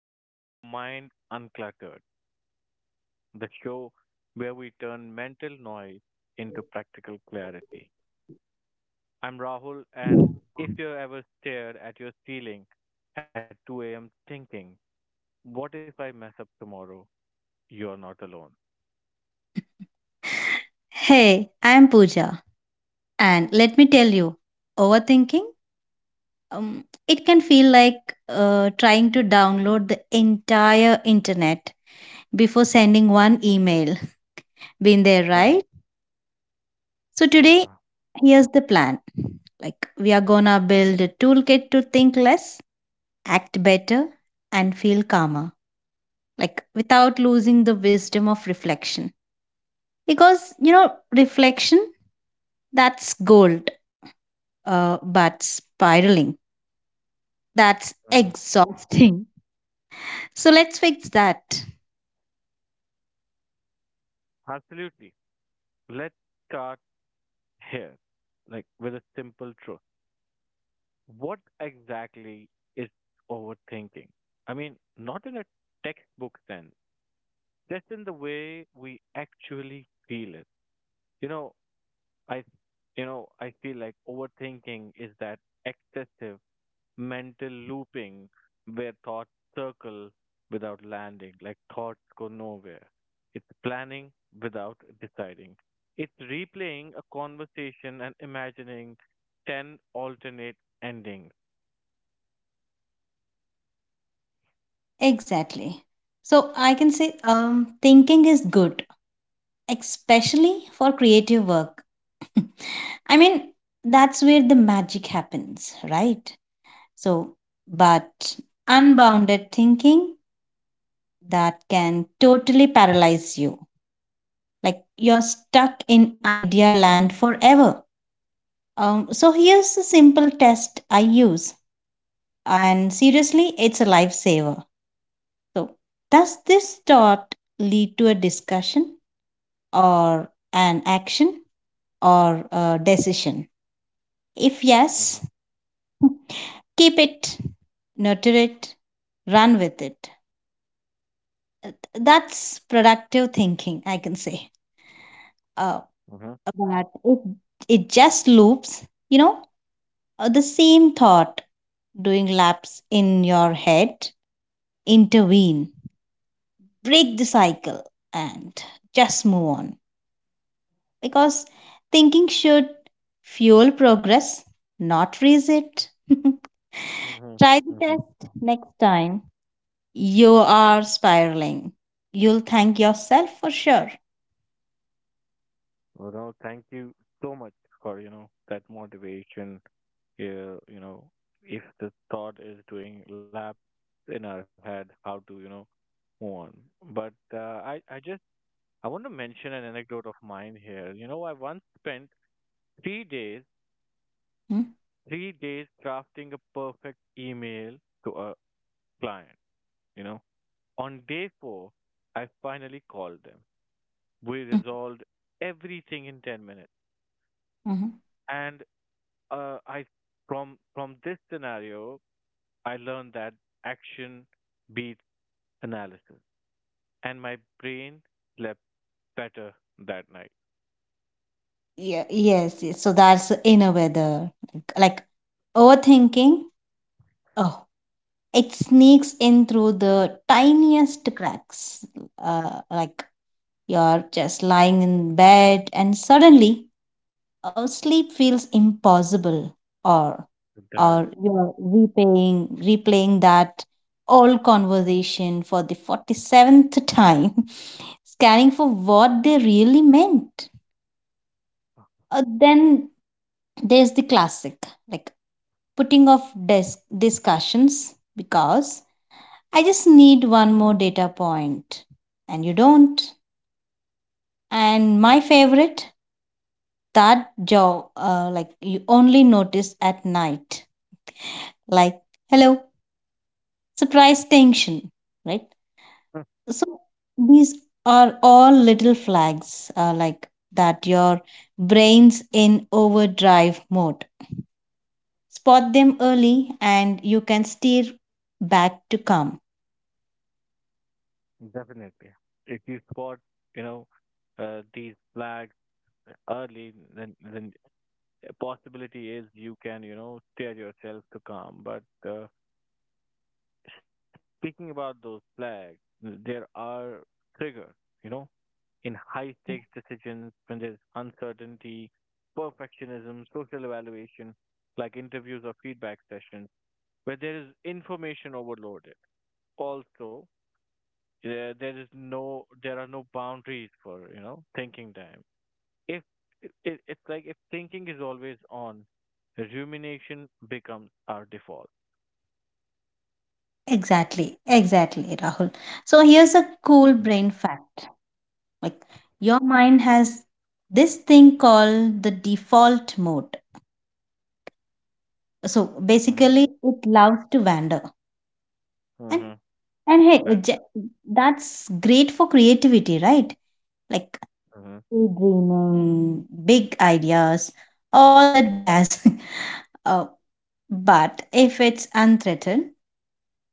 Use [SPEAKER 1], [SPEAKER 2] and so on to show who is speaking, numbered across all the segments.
[SPEAKER 1] Welcome to Mind Uncluttered, the show where we turn mental noise into practical clarity. I'm Rahul, and if you ever stared at your ceiling at 2 a.m. thinking, what if I mess up tomorrow? You're not alone.
[SPEAKER 2] Hey, I'm Pooja, and let me tell you, overthinking, it can feel like trying to download the entire internet before sending one email. Been there,
[SPEAKER 1] Mhm.
[SPEAKER 2] right? So
[SPEAKER 1] Yeah.
[SPEAKER 2] today, here's the plan. Like we are gonna build a toolkit to think less, act better, and feel calmer. Like without losing the wisdom of reflection. Because you know, reflection that's gold but spiraling. That's
[SPEAKER 1] Hmm.
[SPEAKER 2] exhausting. So let's fix that.
[SPEAKER 1] Absolutely. Let's start here, like with a simple truth. What exactly is overthinking? I mean, not in a textbook sense, just in the way we actually feel it. You know, I I feel like overthinking is that excessive mental looping where thoughts circle without landing, like thoughts go nowhere. It's planning without deciding. It's replaying a conversation and imagining 10 alternate endings.
[SPEAKER 2] Exactly. So I can say thinking is good, especially for creative work. I mean, that's where the magic happens, right? So, but unbounded thinking that can totally paralyze you. Like you're stuck in idea land forever. So here's a simple test I use. And seriously, it's a lifesaver. So, does this thought lead to a discussion or an action or a decision? If
[SPEAKER 1] Hmm.
[SPEAKER 2] yes, keep it, nurture it, run with it. That's productive thinking, I can say. Uh,
[SPEAKER 1] Hmm.
[SPEAKER 2] but if it just loops, the same thought doing laps in your head, intervene, break the cycle, and just move on, because thinking should fuel progress, not raise it.
[SPEAKER 1] Hmm.
[SPEAKER 2] Try the
[SPEAKER 1] Hmm.
[SPEAKER 2] test next time. You are spiraling. You'll thank yourself for sure.
[SPEAKER 1] Well, no, thank you so much for, that motivation, uh, you know, if the thought is doing laps in our head, how to move on. But I, I just, I want to mention an anecdote of mine here. You know, I once spent 3 days,
[SPEAKER 2] Hmm?
[SPEAKER 1] 3 days crafting a perfect email to a client. You know, on day four, I finally called them. We
[SPEAKER 2] Mm,
[SPEAKER 1] resolved everything in 10 minutes.
[SPEAKER 2] mhm.
[SPEAKER 1] And I, from this scenario, I learned that action beats analysis. And my brain slept better that night.
[SPEAKER 2] Yeah, yes, yes. So that's inner weather. Like overthinking, oh, it sneaks in through the tiniest cracks. Like you're just lying in bed and suddenly oh, sleep feels impossible or
[SPEAKER 1] That,
[SPEAKER 2] you're repaying replaying that old conversation for the 47th time, scanning for what they really meant, then there's the classic, like putting off discussions because I just need one more data point, and you don't. And my favorite, that jaw, like you only notice at night, like hello, surprise tension, right? So these are all little flags, like that your brain's in overdrive mode. Spot them early and you can steer back to calm.
[SPEAKER 1] Definitely. If you spot, you know, these flags early, then a possibility is you can, steer yourself to calm. But uh, speaking about those flags, there are triggers, you know, in high stakes decisions when there's uncertainty, perfectionism, social evaluation, like interviews or feedback sessions where there is information overloaded. Also, there are no boundaries for thinking time. If it's like if thinking is always on, rumination becomes our default.
[SPEAKER 2] Exactly, exactly, Rahul. So here's a cool brain fact. Like your mind has this thing called the default mode. So
[SPEAKER 1] Mm-hmm.
[SPEAKER 2] basically it loves to wander. And
[SPEAKER 1] Mm-hmm.
[SPEAKER 2] and hey,
[SPEAKER 1] That it
[SPEAKER 2] that's great for creativity, right? Like
[SPEAKER 1] does. Mm-hmm.
[SPEAKER 2] daydreaming, big ideas, all the jazz. Uh, but if it's unthreatened,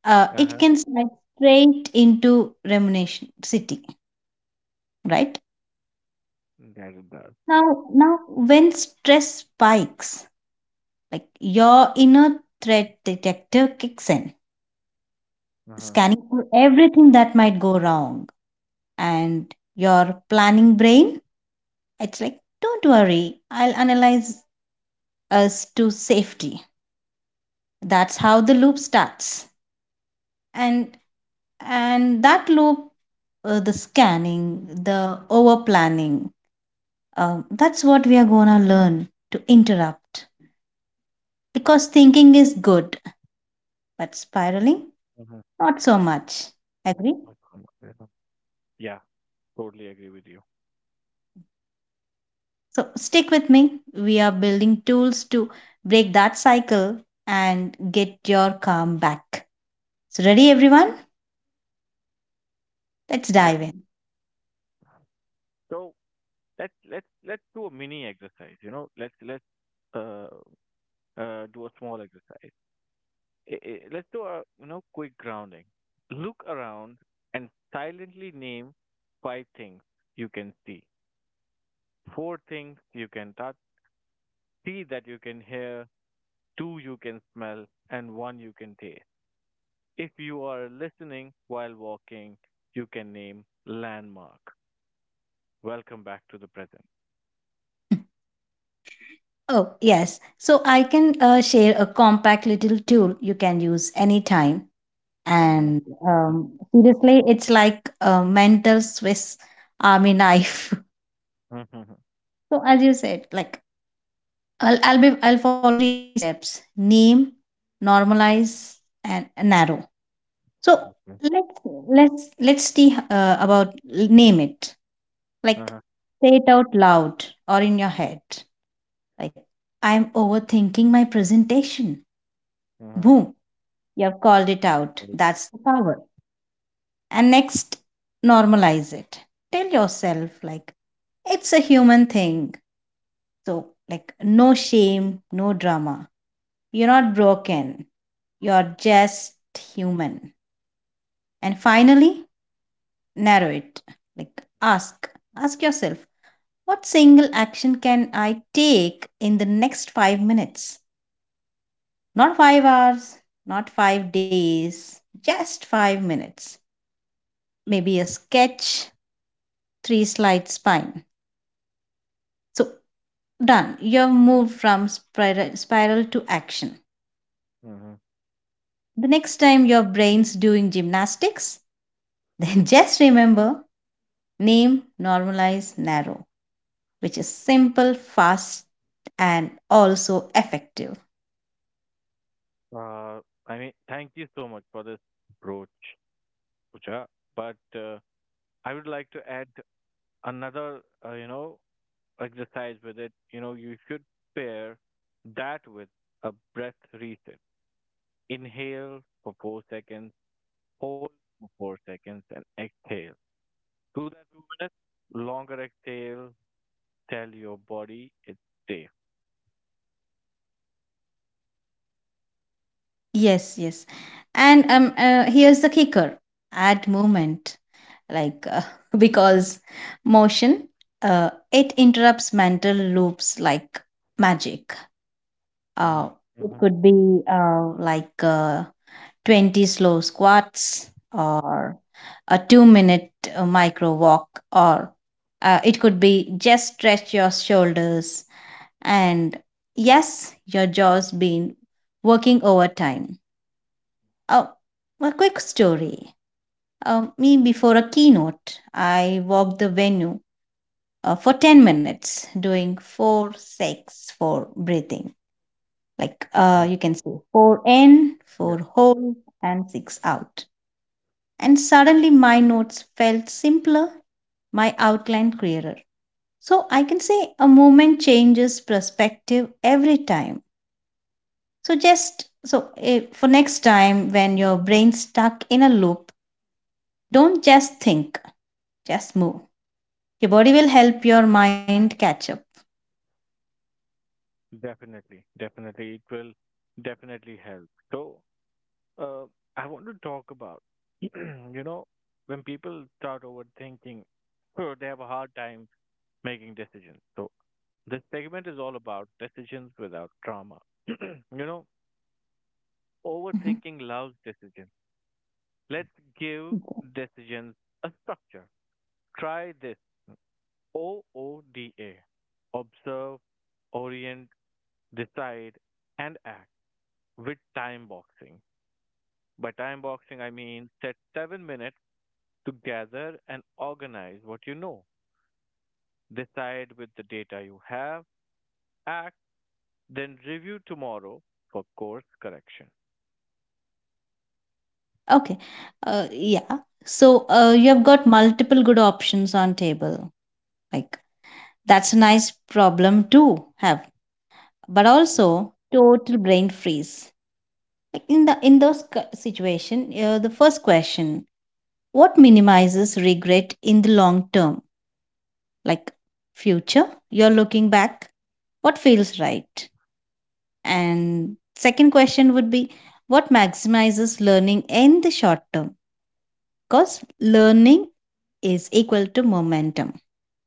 [SPEAKER 2] it
[SPEAKER 1] Uh-huh.
[SPEAKER 2] can slide straight into rumination city, right?
[SPEAKER 1] That it does.
[SPEAKER 2] Now when stress spikes, like your inner threat detector kicks in,
[SPEAKER 1] Uh-huh.
[SPEAKER 2] scanning for everything that might go wrong, and your planning brain, it's like, don't worry, I'll analyze us to safety. That's how the loop starts. and and that loop, the scanning, the over planning, that's what we are going to learn to interrupt, because thinking is good but spiraling
[SPEAKER 1] Mm-hmm.
[SPEAKER 2] not so much, agree.
[SPEAKER 1] Yeah, totally agree with you.
[SPEAKER 2] So stick with me, we are building tools to break that cycle and get your calm back. So ready everyone, let's
[SPEAKER 1] Yeah.
[SPEAKER 2] dive in.
[SPEAKER 1] So let's do a mini exercise. You know, let's uh do a small exercise. Let's do a quick grounding. Look around and silently name five things you can see, four things you can touch, three that you can hear, two you can smell, and one you can taste. If you are listening while walking, you can name landmark. Welcome back to the present.
[SPEAKER 2] Oh, yes. So I can share a compact little tool you can use anytime,
[SPEAKER 1] Mhm,
[SPEAKER 2] and
[SPEAKER 1] mhm,
[SPEAKER 2] seriously it's like a mental swiss army knife.
[SPEAKER 1] mhm,
[SPEAKER 2] So as you said, like I'll follow three steps: name, normalize, and narrow. So
[SPEAKER 1] mhm,
[SPEAKER 2] let's let's see, about name it. Like say it out loud or in your head, like I'm overthinking my presentation.
[SPEAKER 1] mhm,
[SPEAKER 2] Boom, you have called it out,
[SPEAKER 1] Uh
[SPEAKER 2] that's the power. And next, normalize it. Tell yourself, like it's a human thing. So, like, no shame, no drama. You're not broken. You're just human. And finally, narrow it. Like, ask. Ask yourself, what single action can I take in the next 5 minutes? Not 5 hours, not 5 days, just 5 minutes. Maybe a sketch, three slide spine. So, done. You've moved from spiral to action.
[SPEAKER 1] huh.
[SPEAKER 2] The next time your brain's doing gymnastics, then just remember name, normalize, narrow, which is simple, fast, and also effective.
[SPEAKER 1] Uh, I mean, thank you so much for this approach, Pooja. But I would like to add another, exercise with it. You know, you should pair that with a breath reset. Inhale for 4 seconds, hold for 4 seconds, and exhale. Do that 2 minutes. Longer exhale. Tell your body it's safe.
[SPEAKER 2] Yes, yes. And here's the kicker, add movement, like because motion, it interrupts mental loops like magic. Uh,
[SPEAKER 1] Mm-hmm.
[SPEAKER 2] it could be 20 slow squats or a 2 minute micro walk, or it could be just stretch your shoulders, and yes, your jaw's been working overtime. Oh, a quick story. Me before a keynote, I walked the venue for 10 minutes doing 4 6 for breathing. Like
[SPEAKER 1] Hmm.
[SPEAKER 2] you can say 4 in,
[SPEAKER 1] Yeah,
[SPEAKER 2] 4 hold, and 6 out, and suddenly my notes felt simpler, my outline clearer. So I can say a moment changes perspective every time. So just so for next time when your brain's stuck in a loop, don't just think, just move. Your body will help your mind catch up.
[SPEAKER 1] definitely, definitely, it will definitely help. So Uh, I want to talk about, you know, when people start overthinking, so they have a hard time making decisions. So this segment is all about decisions without trauma. you know,
[SPEAKER 2] Mhm.
[SPEAKER 1] overthinking loves decisions. Let's give decisions a structure. Try this OODA. Observe, orient, decide, and act with time boxing. By time boxing, I mean set 7 minutes to gather and organize what you know. Decide with the data you have, act, then review tomorrow for course correction.
[SPEAKER 2] Okay. Yeah. So you have got multiple good options on table. Like that's a nice problem to have. But also total brain freeze. Like in the in those situation, the first question: what minimizes regret in the long term? Like future you're looking back, what feels right? And second question would be what maximizes learning in the short term, because learning is equal to momentum,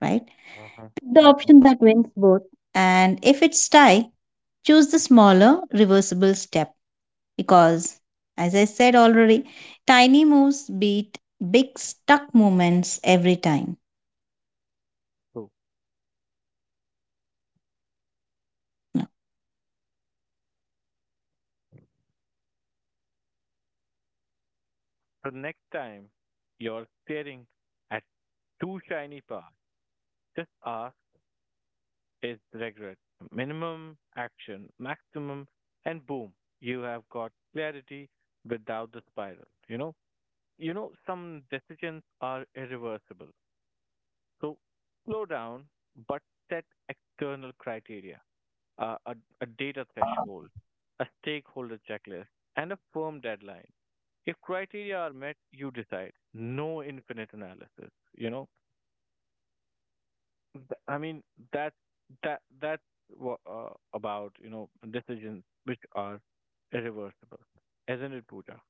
[SPEAKER 2] right?
[SPEAKER 1] Hmm.
[SPEAKER 2] The
[SPEAKER 1] Hmm.
[SPEAKER 2] option that wins both. And if it's tie, choose the smaller reversible step, because, as I said already, tiny moves beat big stuck movements every time.
[SPEAKER 1] So,
[SPEAKER 2] No.
[SPEAKER 1] the next time you're staring at two shiny paths, just ask, is regret minimum, action maximum, and boom, you have got clarity without the spiral. You know, some decisions are irreversible. So slow down, but set external criteria, uh, a, a data threshold, a stakeholder checklist, and a firm deadline. If criteria are met, you decide. No infinite analysis. I mean, that that's what, about, decisions which are irreversible, isn't it, Pooja?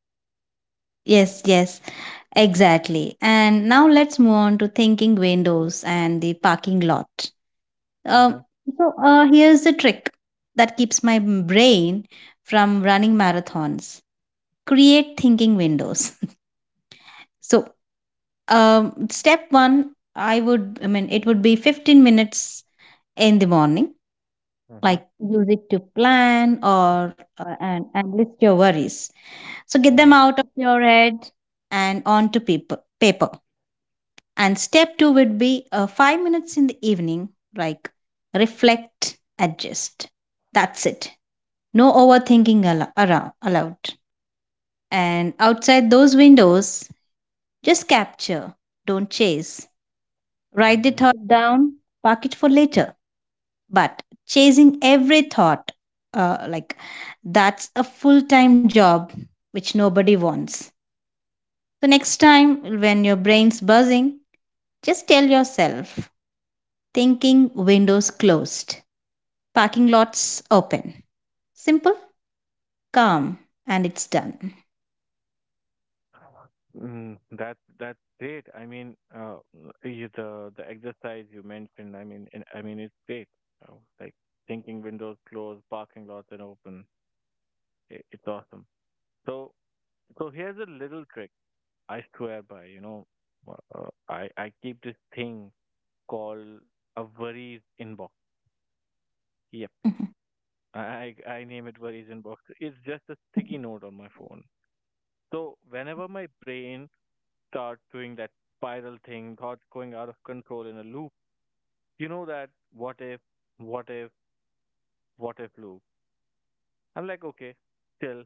[SPEAKER 2] Yes, yes, exactly. And now let's move on to thinking windows and the parking lot.
[SPEAKER 1] Mm-hmm.
[SPEAKER 2] Um, so here's the trick that keeps my brain from running marathons: create thinking windows. So, step one, I would, I mean, it would be 15 minutes in the morning.
[SPEAKER 1] Mm-hmm.
[SPEAKER 2] Like use it to plan or and list your worries, so get them out of your head and onto paper. And step two would be 5 minutes in the evening, like reflect, adjust, that's it, no overthinking allowed. And outside those windows, just capture, don't chase, write the
[SPEAKER 1] Mm-hmm.
[SPEAKER 2] thought down, park it for later. But chasing every thought, like that's a full time job, which nobody wants. So, next time when your brain's buzzing, just tell yourself thinking windows closed, parking lots open. Simple, calm, and it's done.
[SPEAKER 1] That's great. I mean, the exercise you mentioned. I mean, I mean, it's great. Like thinking windows closed, parking lots and open. It's awesome. So so here's a little trick I swear by. You know, I keep this thing called a worries inbox. Yep,
[SPEAKER 2] Mhm.
[SPEAKER 1] I name it worries inbox. It's just a sticky note on my phone. So whenever my brain starts doing that spiral thing, thoughts going out of control in a loop, that what if, what if, what if loop. I'm like, okay, still,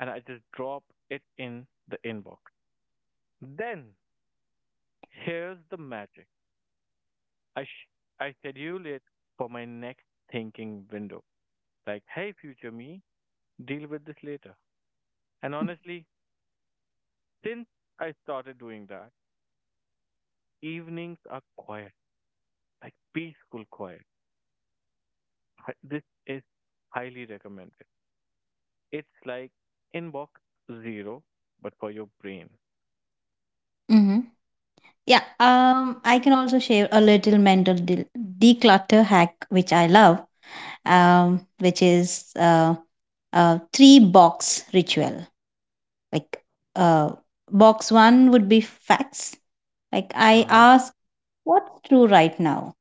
[SPEAKER 1] and I just drop it in the inbox. Then here's the magic. I sh- I schedule it for my next thinking window. Like, hey, future me, deal with this later. And honestly, since I started doing that, evenings are quiet, like peaceful quiet. This is highly recommended. It's like inbox zero, but for your brain.
[SPEAKER 2] hmm yeah, I can also share a little mental declutter hack which I love, which is three box ritual. Like, box one would be facts. Like, I ask what's true right now.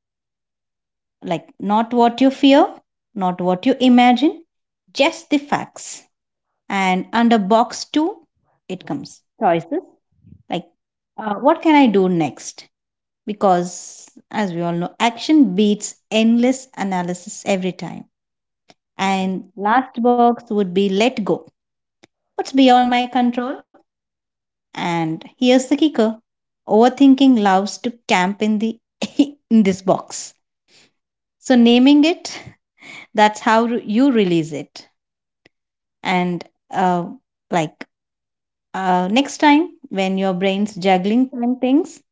[SPEAKER 2] Like, not what you fear, not what you imagine, just the facts. And under box two, it comes choices. Like, what can I do next? Because as we all know action beats endless analysis every time.
[SPEAKER 1] Mm-hmm.
[SPEAKER 2] And last box would be let go, what's beyond my control. And here's the kicker, overthinking loves to camp in the in this box, so naming it, that's how you release it. And uh, like, next time when your brain's juggling seven things,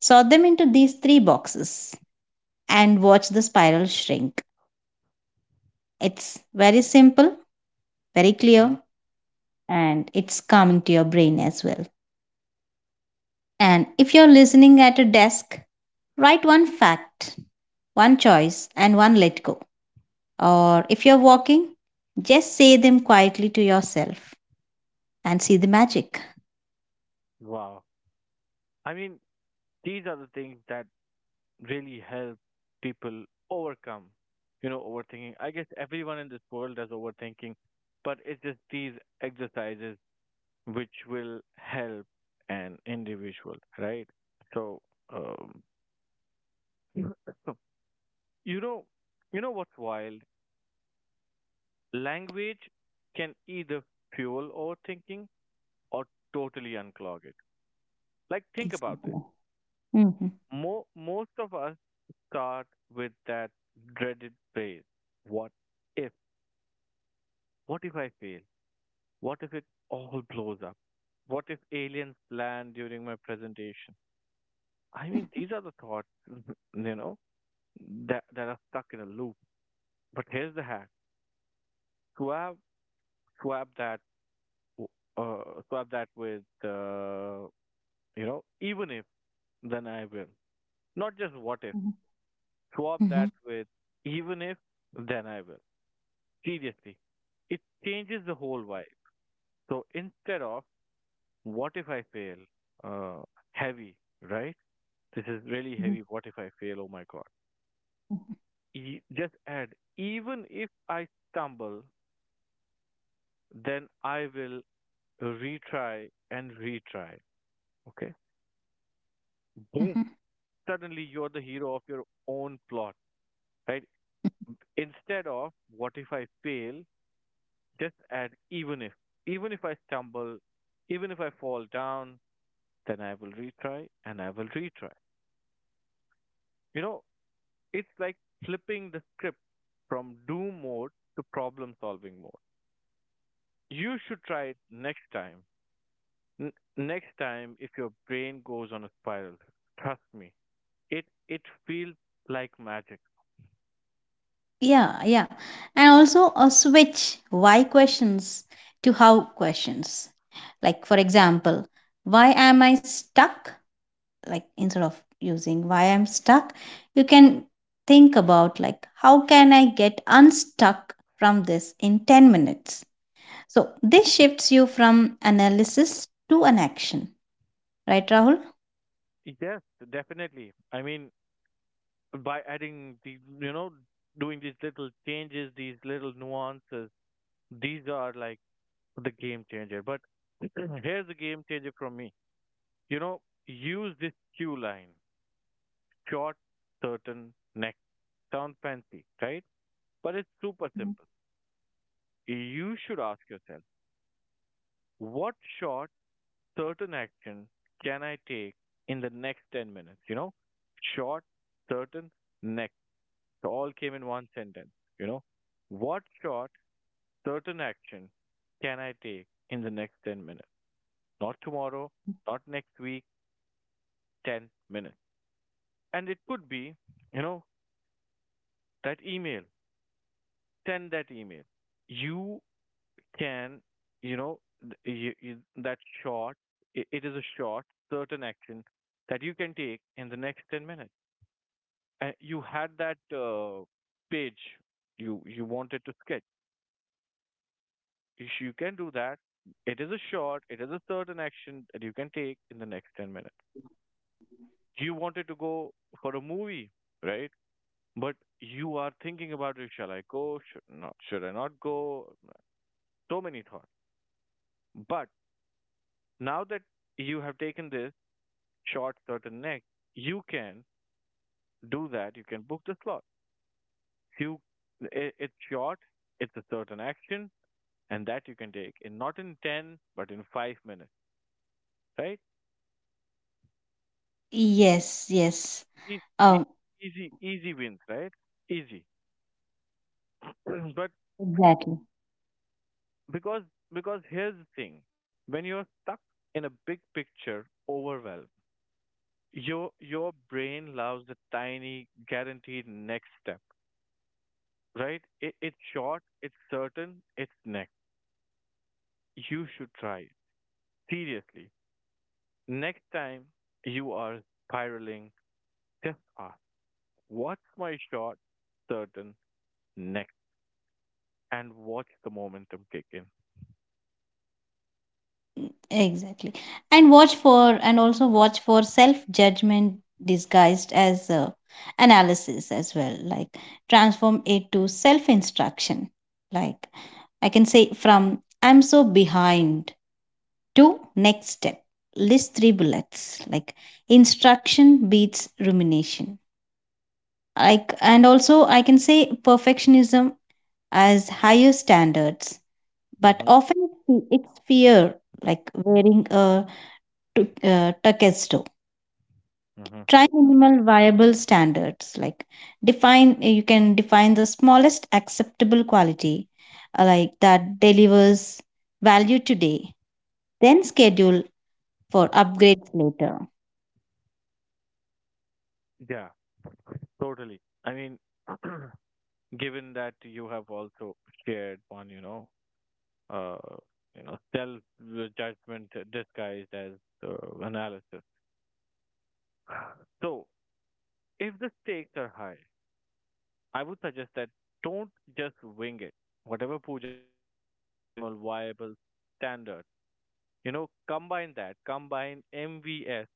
[SPEAKER 2] sort them into these three boxes and watch the spiral shrink. It's very simple, very
[SPEAKER 1] Hmm.
[SPEAKER 2] clear, and it's calming to your brain as well. And if you're listening at a desk, write one fact, one choice, and one let go. Or if you're walking, just say them quietly to yourself and see the magic.
[SPEAKER 1] Wow. I mean, these are the things that really help people overcome, overthinking. I guess everyone in this world does overthinking, but it's just these exercises which will help an individual, right? So, um, you know, you know what's wild? Language can either fuel overthinking or totally unclog it. Like, think about this.
[SPEAKER 2] Exactly. Mm-hmm.
[SPEAKER 1] Most of us start with that dreaded phrase, what if? What if I fail? What if it all blows up? What if aliens land during my presentation? I mean, these are the thoughts, you know, that are stuck in a loop. But here's the hack, swap, swap that. w- Swap that with, even if, then I will. Not just what if.
[SPEAKER 2] Mm-hmm.
[SPEAKER 1] Swap
[SPEAKER 2] Mm-hmm.
[SPEAKER 1] that with even if, then I will. Seriously, it changes the whole vibe. So instead of what if I fail, uh, heavy, right? This is really
[SPEAKER 2] Mm-hmm.
[SPEAKER 1] heavy. What if I fail? Oh my God. Just add, even if I stumble, then I will retry and retry. Okay. Boom.
[SPEAKER 2] Mm-hmm.
[SPEAKER 1] Suddenly you're the hero of your own plot, right? Instead of what if I fail, just add even if. Even if I stumble, even if I fall down, then I will retry and I will retry. You know, it's like flipping the script from do mode to problem solving mode. You should try it next time. N- next time, if your brain goes on a spiral, trust me, it feels like magic.
[SPEAKER 2] Yeah, yeah. And also a switch why questions to how questions. Like, for example, why am I stuck, like instead of using why I'm stuck, you can think about like how can I get unstuck from this in 10 minutes? So this shifts you from analysis to an action, right Rahul?
[SPEAKER 1] Yes, definitely. I mean, by adding the, doing these little changes, these little nuances, these are like the game changer. But here's the game changer from me. You know, use this cue line, short, certain, next. Sounds fancy, right? But it's super simple. You should ask yourself, what short, certain action can I take in the next 10 minutes? You know, short, certain, next. All came in one sentence. You know, what short, certain action can I take in the next 10 minutes? Not tomorrow, not next week, 10 minutes. And it could be, you know, that email, send that email. You can, you know, th- you, you, that short, it is a short, certain action that you can take in the next 10 minutes. And you had that page you wanted to sketch. You can do that. It is a short, it is a certain action that you can take in the next 10 minutes. You wanted to go for a movie, right? But you are thinking about it, shall I go? Should not? Should I not go? So many thoughts. But now that you have taken this short certain neck, you can do that. You can book the slot. You, it's short, it's a certain action, and that you can take in not in 10, but in 5 minutes, right?
[SPEAKER 2] Yes, yes,
[SPEAKER 1] These, these
[SPEAKER 2] oh,
[SPEAKER 1] easy, easy wins, right? Easy. But
[SPEAKER 2] exactly.
[SPEAKER 1] because, because here's the thing, when you're stuck in a big picture overwhelm, your brain loves the tiny guaranteed next step, right? It's short, it's certain, it's next. You should try. Seriously. Next time you are spiraling, just ask, what's my short, certain, next? And watch the momentum kick in.
[SPEAKER 2] Exactly. And also watch for self judgment disguised as analysis as well. Like transform it to self instruction. Like I can say from I'm so behind to next step. List three bullets. Like instruction beats rumination. Like, and also I can say perfectionism as higher standards, but
[SPEAKER 1] Hmm.
[SPEAKER 2] often it's fear, like wearing a Takesto.
[SPEAKER 1] Hmm.
[SPEAKER 2] Try minimal viable standards, like define, you can define the smallest acceptable quality, like that delivers value today, then schedule for upgrades later.
[SPEAKER 1] Yeah, totally. I mean, given that you have also shared one, uh, self judgment disguised as uh, analysis. So, if the stakes are high, I would suggest that don't just wing it. Whatever Pooja said, the minimal viable standard, combine that, combine MVS,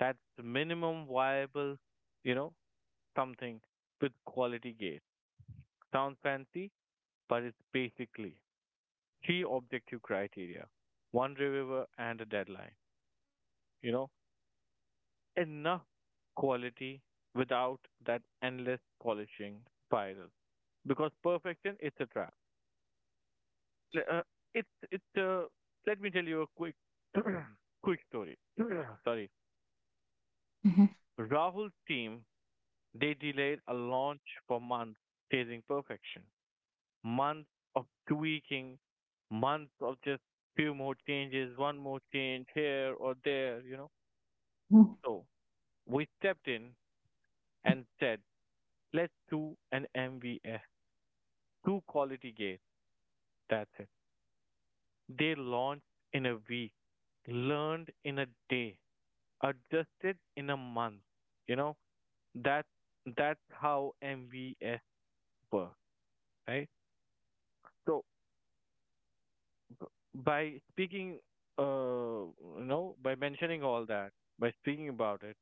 [SPEAKER 1] that's minimum viable, you know, something with quality gate. Sounds fancy, but it's basically three objective criteria, one reviewer and a deadline, you know, enough quality without that endless polishing spiral. Because perfection, it's a trap. Uh, it it Let me tell you a quick quick story. Sorry, Rahul's team, they delayed a launch for months, chasing perfection. Months of tweaking, months of just few more changes, one more change here or there, you know.
[SPEAKER 2] Mhm.
[SPEAKER 1] So we stepped in and said, let's do an MVS, two quality gates. That's it. They launched in a week, learned in a day, adjusted in a month. You know that that's how MVS works, right? So by speaking, uh, by mentioning all that, by speaking about it,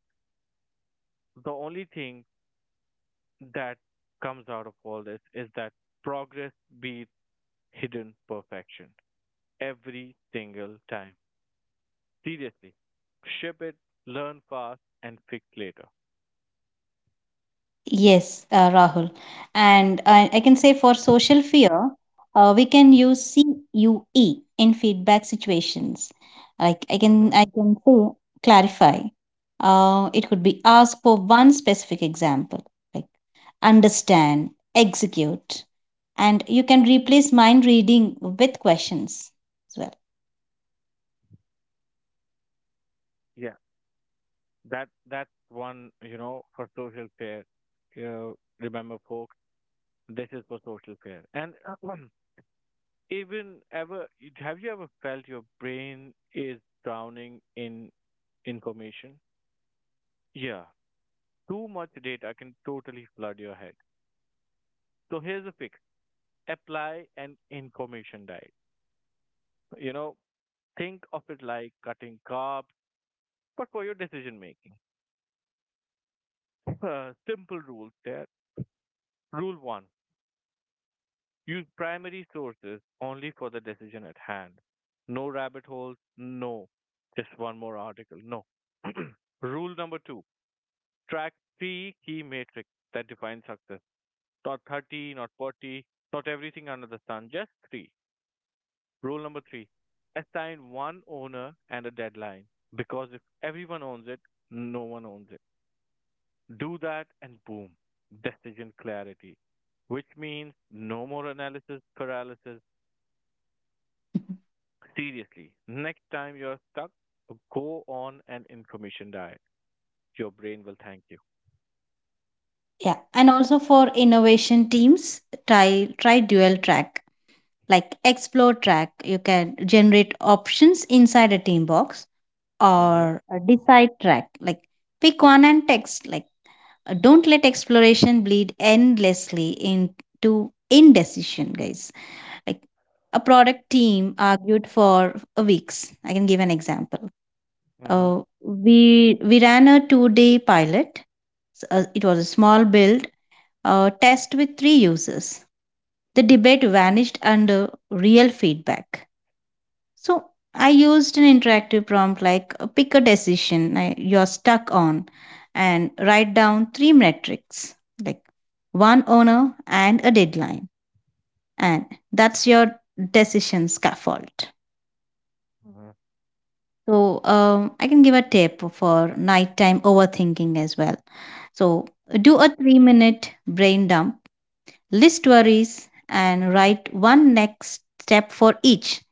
[SPEAKER 1] the only thing that comes out of all this is that progress beats hidden perfection every single time. Seriously, ship it, learn fast, and fix later.
[SPEAKER 2] Yes, Rahul. And I can say for social fear, we can use CUE in feedback situations. Like
[SPEAKER 1] Hmm.
[SPEAKER 2] I can say clarify. It could be ask for one specific example, like understand, execute, and you can replace mind reading with questions as well.
[SPEAKER 1] Yeah. That's one, for social care. uh, Remember folks, this is for social care. And even ever have you ever felt your brain is drowning in information? Yeah. Too much data can totally flood your head. So here's a fix, apply an information diet. you know think of it like cutting carbs, but for your decision making. Simple rules there. Rule 1, use primary sources only for the decision at hand. No rabbit holes. No. Just one more article, no. Rule number two, track three key metrics that define success. Not 30, not 40, not everything under the sun, just three. Rule number three, assign one owner and a deadline, because if everyone owns it, no one owns it. Do that and boom, decision clarity, which means no more analysis paralysis. Seriously, next time you're stuck, go on an information diet. Your brain will thank you.
[SPEAKER 2] Yeah, and also for innovation teams, try dual track, like explore track, you can generate options inside a team box,
[SPEAKER 1] Mm-hmm.
[SPEAKER 2] or a decide track, like pick one and text. Like don't let exploration bleed endlessly into indecision guys. Like a product team argued for weeks, I can give an example.
[SPEAKER 1] Mm-hmm.
[SPEAKER 2] We ran a 2 day pilot. It was a small build, test with three users. The debate vanished under real feedback. So I used an interactive prompt like, pick a decision you're stuck on, and write down three metrics, like one owner and a deadline. And that's your decision scaffold.
[SPEAKER 1] Mm-hmm.
[SPEAKER 2] So I can give a tip for nighttime overthinking as well. So do a 3 minute brain dump, list worries, and write one next step for each.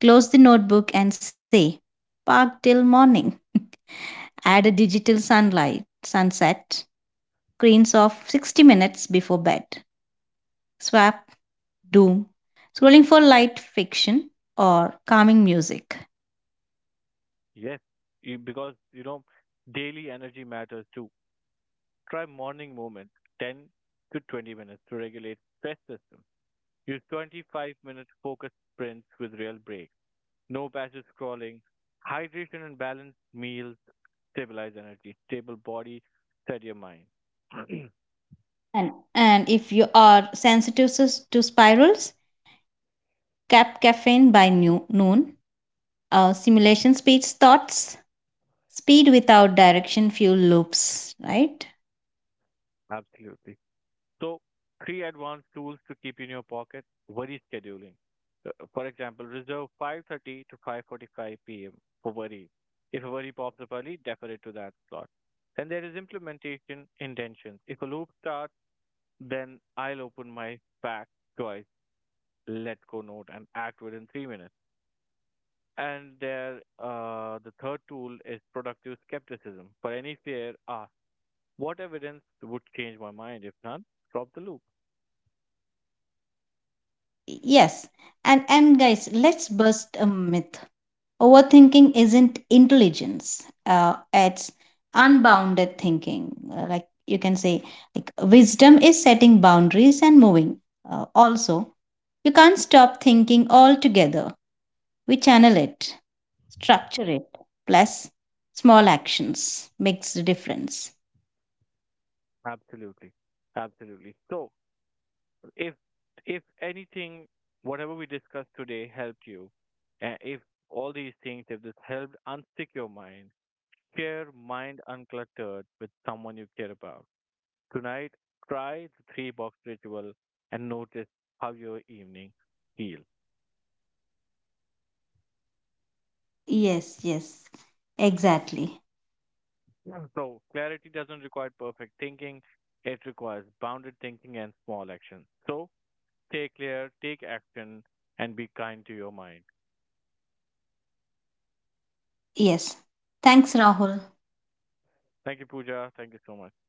[SPEAKER 2] Close the notebook and say, park till morning. Add a digital sunlight sunset, screens of 60 minutes before bed. Swap doom scrolling for light fiction or calming music.
[SPEAKER 1] Yes, because you know daily energy matters too. Try morning movement, 10 to 20 minutes to regulate stress system. Use 25-minute focused sprints with real breaks. No passive scrolling. Hydration and balanced meals stabilize energy, stable body, steadier mind.
[SPEAKER 2] And if you are sensitive to spirals, cap caffeine by noon. Simulation speeds thoughts. Speed without direction fuel loops, right?
[SPEAKER 1] Absolutely. So three advanced tools to keep in your pocket, worry scheduling. For example, reserve 5:30 to 5:45 p.m. for worry. If a worry pops up early, defer it to that slot. Then there is implementation intentions. If a loop starts, then I'll open my back twice, let go note, and act within 3 minutes. And there, the third tool is productive skepticism. For any fear, ask, what evidence would change my mind? If none, drop the loop.
[SPEAKER 2] Yes. And guys, let's bust a myth. Overthinking isn't intelligence, it's unbounded thinking. Like you can say, like wisdom is setting boundaries and moving. Also, you can't stop thinking altogether. We channel it, structure it, plus small actions makes the difference.
[SPEAKER 1] Absolutely. Absolutely. So if if anything, whatever we discussed today helped you, if all these things, if this helped unstick your mind, share Mind Uncluttered with someone you care about. Tonight, try the three box ritual and notice how your evening feels.
[SPEAKER 2] Yes, yes, exactly.
[SPEAKER 1] Yeah. So clarity doesn't require perfect thinking. It requires bounded thinking and small actions. So stay clear, take action, and be kind to your mind.
[SPEAKER 2] Yes. Thanks, Rahul.
[SPEAKER 1] Thank you, Pooja. Thank you so much.